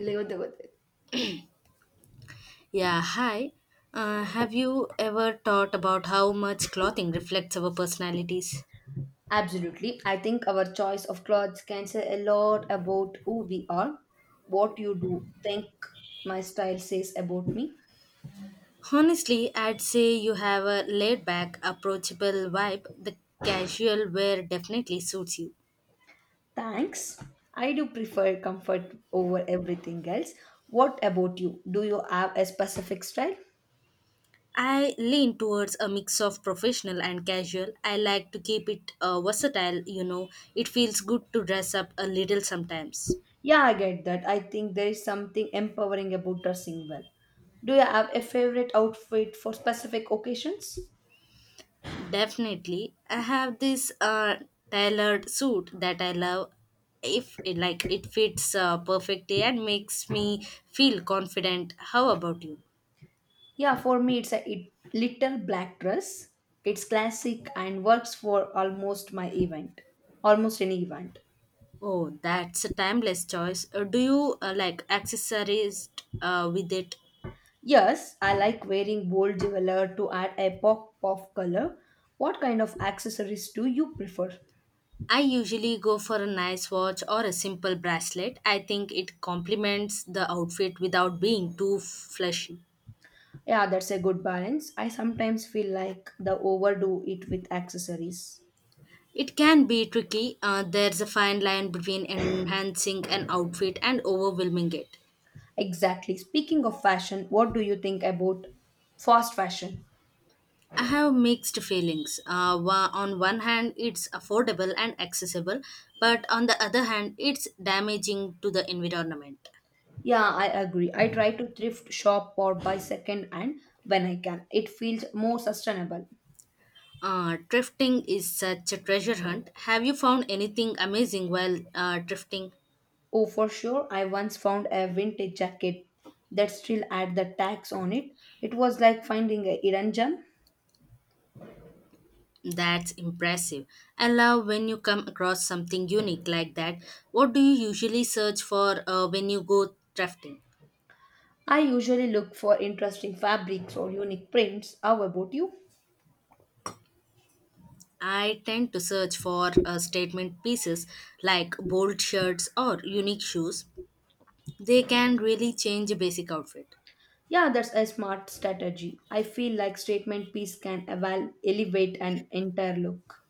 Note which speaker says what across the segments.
Speaker 1: ಗೊತ್ತಿಲ್ಲ ಗೊತ್ತಿಲ್ಲ
Speaker 2: Yeah, hi. Have you ever thought about how much clothing reflects our personalities?
Speaker 1: Absolutely. I think our choice of clothes can say a lot about who we are. What you do think my style says about me.
Speaker 2: Honestly, I'd say you have a laid back, approachable vibe. The casual wear definitely suits you.
Speaker 1: Thanks. I do prefer comfort over everything else. What about you? Do you have a specific style?
Speaker 2: I lean towards a mix of professional and casual. I like to keep it versatile, you know. It feels good to dress up a little sometimes.
Speaker 1: Yeah, I get that. I think there is something empowering about dressing well. Do you have a favorite outfit for specific occasions?
Speaker 2: Definitely. I have this tailored suit that I love if it fits perfectly and makes me feel confident. How about you?
Speaker 1: Yeah, for me, it's a it, little black dress. It's classic and works for almost my event, almost any event.
Speaker 2: Oh, that's a timeless choice. Do you like accessories with it?
Speaker 1: Yes, I like wearing bold jewelry to add a pop of color. What kind of accessories do you prefer?
Speaker 2: I usually go for a nice watch or a simple bracelet. I think it complements the outfit without being too flashy.
Speaker 1: Yeah, that's a good balance. I sometimes feel like the overdo it with accessories.
Speaker 2: It can be tricky. There's a fine line between enhancing an outfit and overwhelming it.
Speaker 1: Exactly. Speaking of fashion, what do you think about fast fashion?
Speaker 2: I have mixed feelings. On one hand, it's affordable and accessible, but on the other hand, it's damaging to the environment.
Speaker 1: Yeah, I agree. I try to thrift shop or buy second hand when I can. It feels more sustainable.
Speaker 2: Thrifting is such a treasure hunt. Have you found anything amazing while thrifting?
Speaker 1: Oh, for sure. I once found a vintage jacket that still had the tags on it. It was like finding a hidden gem.
Speaker 2: That's impressive. I love when you come across something unique like that. What do you usually search for when you go thrifting?
Speaker 1: I usually look for interesting fabrics or unique prints. How about you?
Speaker 2: I tend to search for statement pieces like bold shirts or unique shoes. They can really change a basic outfit,
Speaker 1: Yeah, that's a smart strategy. I feel like statement piece can elevate an entire look.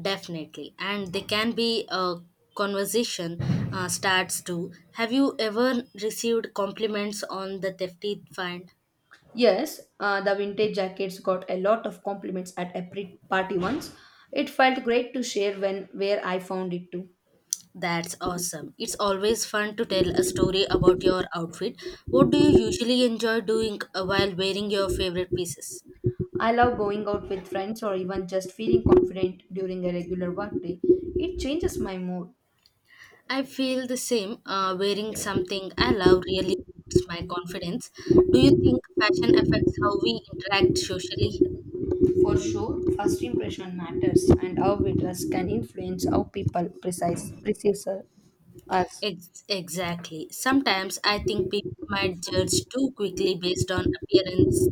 Speaker 2: definitely, and they can be a conversation starts too. Have you ever received compliments on the thefty find?
Speaker 1: Yes, the vintage jackets got a lot of compliments at a party once. It felt great to share when where I found it too.
Speaker 2: That's awesome. It's always fun to tell a story about your outfit. What do you usually enjoy doing while wearing your favorite pieces?
Speaker 1: I love going out with friends or even just feeling confident during a regular workday. It changes my mood.
Speaker 2: I feel the same. Wearing something I love really boosts my confidence. Do you think fashion affects how we interact socially?
Speaker 1: For sure, first impression matters, and how we dress can influence how people precise perceives us.
Speaker 2: Exactly. Sometimes I think people might judge too quickly based on appearance.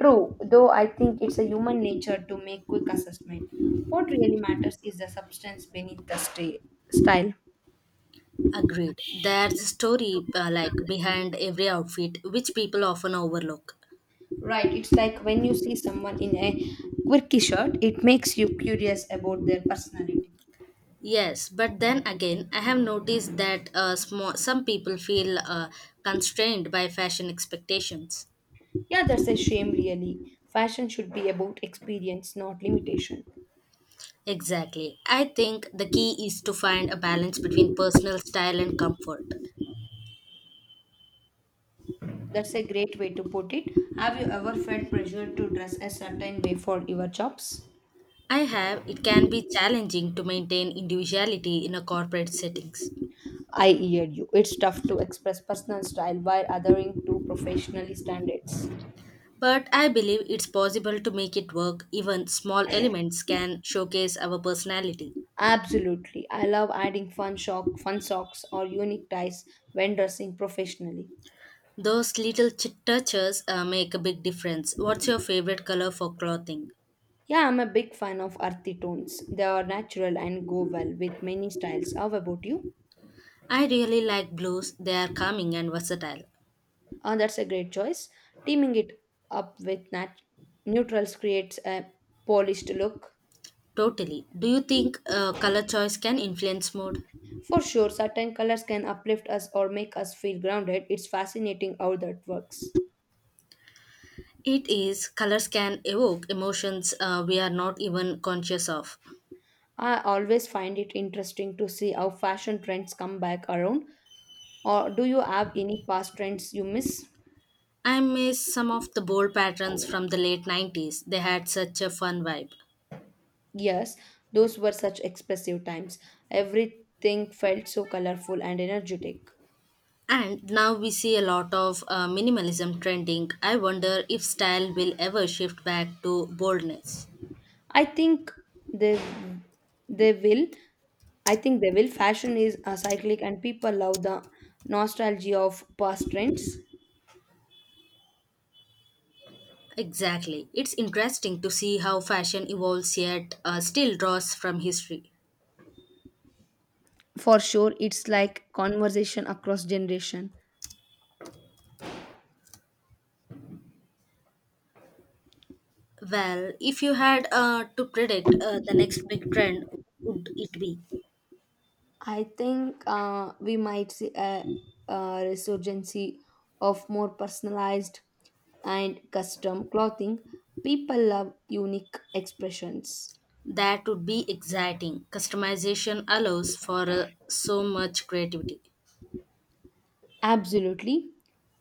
Speaker 1: True, though I think it's a human nature to make quick assessment. What really matters is the substance beneath the style.
Speaker 2: Agreed. There's a story like behind every outfit, which people often overlook.
Speaker 1: Right, it's like when you see someone in a quirky shirt, it makes you curious about their personality.
Speaker 2: Yes, but then again, I have noticed that some people feel constrained by fashion expectations.
Speaker 1: Yeah, that's a shame, really. Fashion should be about experience, not limitation.
Speaker 2: Exactly. I think the key is to find a balance between personal style and comfort.
Speaker 1: That's a great way to put it. Have you ever felt pressured to dress a certain way for your jobs?
Speaker 2: I have, it can be challenging to maintain individuality in a corporate settings.
Speaker 1: I hear you. It's tough to express personal style while adhering to professional standards.
Speaker 2: But I believe it's possible to make it work. Even small elements can showcase our personality.
Speaker 1: Absolutely. I love adding fun socks or unique ties when dressing professionally.
Speaker 2: Those little touches make a big difference. What's your favorite color for clothing?
Speaker 1: Yeah, I'm a big fan of earthy tones. They are natural and go well with many styles. How about you?
Speaker 2: I really like blues. They are calming and versatile.
Speaker 1: Ah, that's a great choice. Teaming it up with neutrals creates a polished look.
Speaker 2: Totally. Do you think color choice can influence mood?
Speaker 1: For sure, certain colors can uplift us or make us feel grounded. It's fascinating how that works.
Speaker 2: It is, colors can evoke emotions we are not even conscious of.
Speaker 1: I always find it interesting to see how fashion trends come back around. Or do you have any past trends you miss?
Speaker 2: I miss some of the bold patterns from the late 90s. They had such a fun vibe.
Speaker 1: Yes, those were such expressive times. Everything felt so colorful and energetic.
Speaker 2: And now we see a lot of minimalism trending. I wonder if style will ever shift back to boldness.
Speaker 1: I think they they will. I think they will. Fashion is a cyclic, and people love the nostalgia of past trends.
Speaker 2: Exactly. It's interesting to see how fashion evolves yet still draws from history.
Speaker 1: For sure, it's like conversation across generation.
Speaker 2: Well, if you had to predict the next big trend, what would it be?
Speaker 1: I think we might see a resurgence of more personalized and custom clothing. People love unique expressions.
Speaker 2: That would be exciting. Customization allows for so much creativity.
Speaker 1: Absolutely.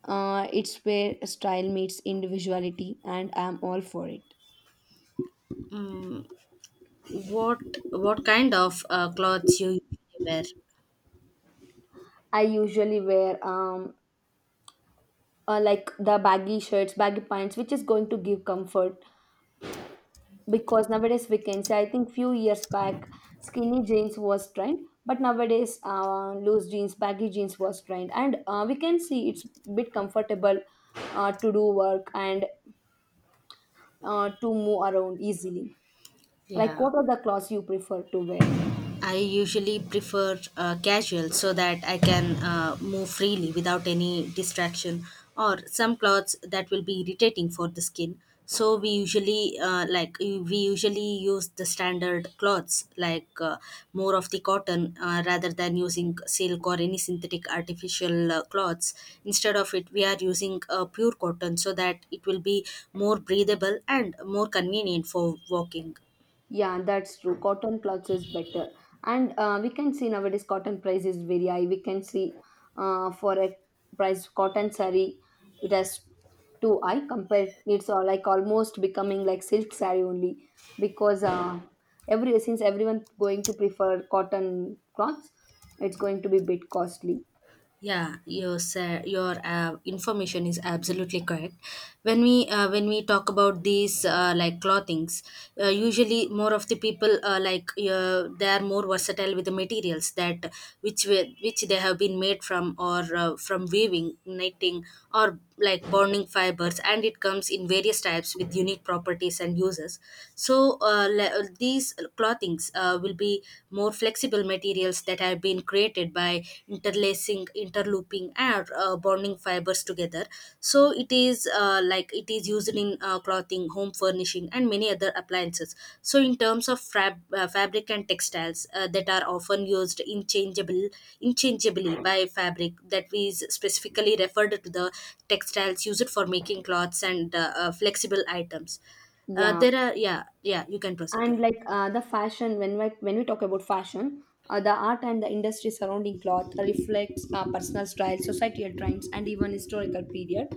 Speaker 1: It's where style meets individuality, and I'm all for it.
Speaker 2: Mm, what what kind of clothes you usually wear?
Speaker 1: I usually wear like the baggy shirts, baggy pants, which is going to give comfort because nowadays we can say I think few years back skinny jeans was trend, but nowadays loose jeans, baggy jeans was trend, and we can see it's bit comfortable to do work and to move around easily. Like
Speaker 2: Yeah.
Speaker 1: what are the clothes you prefer to wear?
Speaker 2: I usually prefer casual so that I can move freely without any distraction or some clothes that will be irritating for the skin. So we usually use the standard cloths like more of the cotton rather than using silk or any synthetic artificial cloths. Instead of it, we are using pure cotton so that it will be more breathable and more convenient for walking.
Speaker 1: Yeah, that's true. Cotton clothes is better. And we can see nowadays cotton price is very high. We can see for a price cotton saree, it has too high compared. It's all like almost becoming like silk saree only because every since everyone going to prefer cotton cloths, it's going to be bit costly.
Speaker 2: Yeah, your information is absolutely correct. When we talk about these like clothings, usually more of the people they are more versatile with the materials that which they have been made from or from weaving, knitting, or like bonding fibers, and it comes in various types with unique properties and uses. So these clothings will be more flexible materials that have been created by interlacing, interlooping and bonding fibers together, so it is like it is used in clothing, home furnishing, and many other appliances. So in terms of fabric and textiles that are often used inchangeable interchangeably by fabric, that we specifically referred to the textiles used for making cloths and flexible items.
Speaker 1: Yeah.
Speaker 2: There are, yeah, yeah, you can proceed,
Speaker 1: And
Speaker 2: yeah,
Speaker 1: like the fashion when we talk about fashion, the art and the industry surrounding cloth reflects personal style, societal trends, and even historical period.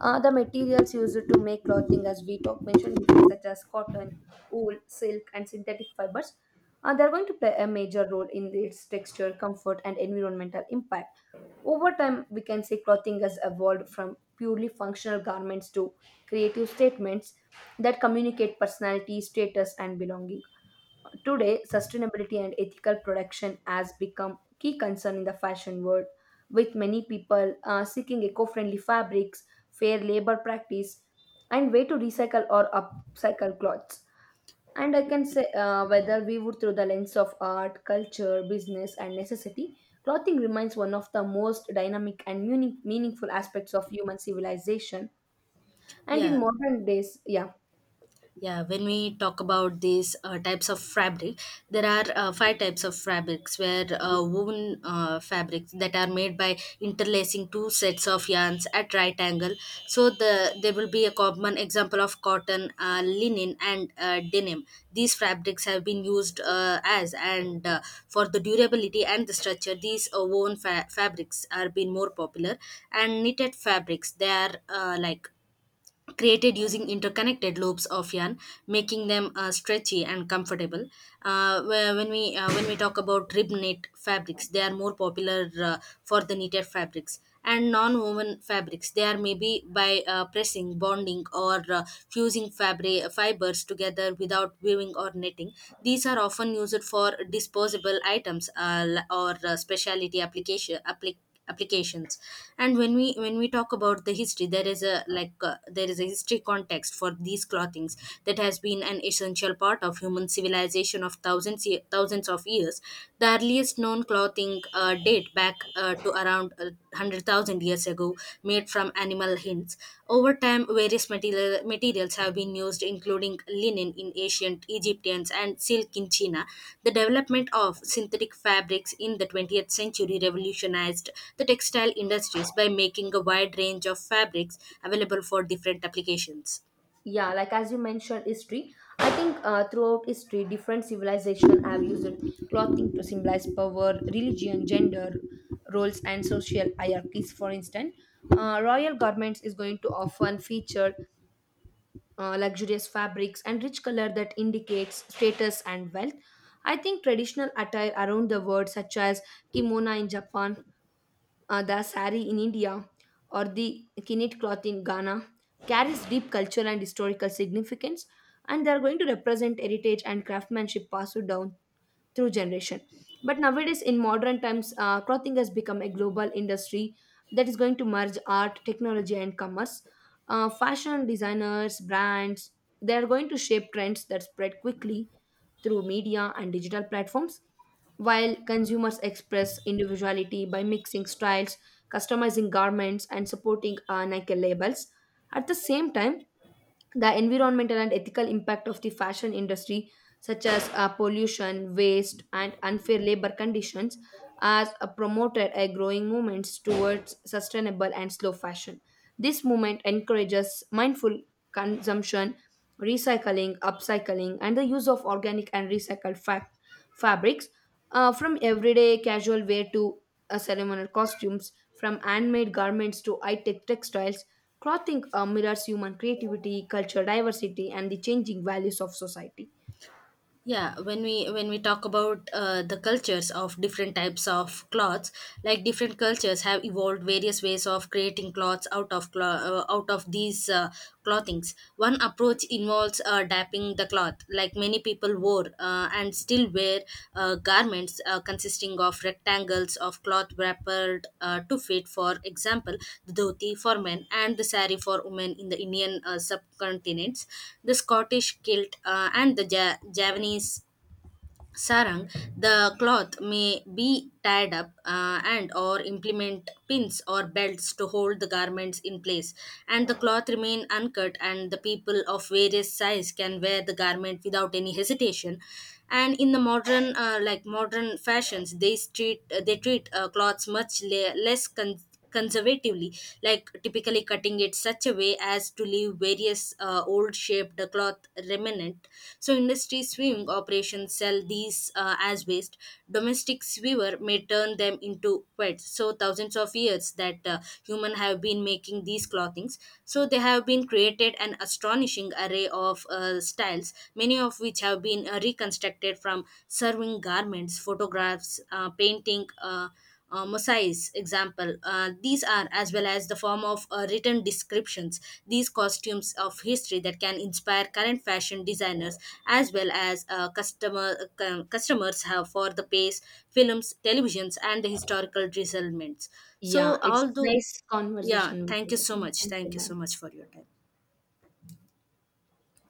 Speaker 1: The materials used to make clothing, as we talk mentioned before, such as cotton, wool, silk, and synthetic fibers, they're going to play a major role in its texture, comfort, and environmental impact. Over time, we can say clothing has evolved from purely functional garments to creative statements that communicate personality, status, and belonging. Today, sustainability and ethical production has become key concern in the fashion world, with many people seeking eco-friendly fabrics, fair labor practice, and way to recycle or upcycle clothes. And I can say whether we would through the lens of art, culture, business, and necessity, clothing remains one of the most dynamic and meaningful aspects of human civilization. And in
Speaker 2: yeah.
Speaker 1: modern days, yeah.
Speaker 2: Yeah, when we talk about these types of fabric, there are five types of fabrics where woven fabrics that are made by interlacing two sets of yarns at right angle. So there will be a common example of cotton, linen, and denim. These fabrics have been used as and for the durability and the structure. These woven fabrics are being more popular, and knitted fabrics, they are like created using interconnected loops of yarn, making them stretchy and comfortable. When we talk about rib knit fabrics, they are more popular for the knitted fabrics. And non-woven fabrics, they are maybe by pressing, bonding, or fusing fabric fibers together without weaving or knitting. These are often used for disposable items or specialty applications. And when we talk about the history, there is a like there is a history context for these clothings that has been an essential part of human civilization of thousands of years. The earliest known clothing date back to around 100,000 years ago, made from animal hints. Over time, materials have been used, including linen in ancient Egyptians and silk in China. The development of synthetic fabrics in the 20th century revolutionized the textile industries by making a wide range of fabrics available for different applications.
Speaker 1: Yeah, like as you mentioned history, I think throughout history different civilizations have used clothing to symbolize power, religion, gender roles, and social hierarchies. For instance, royal garments is going to often feature luxurious fabrics and rich color that indicates status and wealth. I think traditional attire around the world, such as kimono in Japan, the sari in India, or the kinet cloth in Ghana carries deep cultural and historical significance, and they are going to represent heritage and craftsmanship passed down through generation. But nowadays, in modern times, clothing has become a global industry that is going to merge art, technology, and commerce. Fashion designers brands, they are going to shape trends that spread quickly through media and digital platforms, while consumers express individuality by mixing styles, customizing garments, and supporting Nike labels. At the same time, the environmental and ethical impact of the fashion industry, such as pollution, waste, and unfair labor conditions, has promoted a growing movement towards sustainable and slow fashion. This movement encourages mindful consumption, recycling, upcycling, and the use of organic and recycled fabrics, from everyday casual wear to ceremonial costumes, from handmade garments to high tech textiles. Clothing mirrors human creativity, cultural diversity, and the changing values of society.
Speaker 2: Yeah, when we talk about the cultures of different types of cloths, like different cultures have evolved various ways of creating cloths out of out of these clothings. One approach involves dapping the cloth, like many people wore store and still wear garments consisting of rectangles of cloth wrapped to fit, for example, the dhoti for men and the sari for women in the Indian subcontinents, the Scottish kilt and the Javanese sarang. The cloth may be tied up and or implement pins or belts to hold the garments in place, and the cloth remain uncut and the people of various size can wear the garment without any hesitation. And in the modern modern fashions, they treat cloths much less conservatively, like typically cutting it such a way as to leave various old shaped cloth remnant. So, industry sewing operations sell these as waste. Domestic sewer may turn them into pets. So, thousands of years that human have been making these clothings. So, they have been created an astonishing array of styles, many of which have been reconstructed from serving garments, photographs, painting. Mosaics example these are as well as the form of written descriptions, these costumes of history that can inspire current fashion designers as well as customers have for the pace films televisions and the historical results
Speaker 1: Yeah,
Speaker 2: so
Speaker 1: it's
Speaker 2: although
Speaker 1: nice
Speaker 2: yeah,
Speaker 1: conversation with
Speaker 2: thank you so
Speaker 1: you.
Speaker 2: much,
Speaker 1: Thank you.
Speaker 2: thank you so
Speaker 1: Bye.
Speaker 2: much for your time.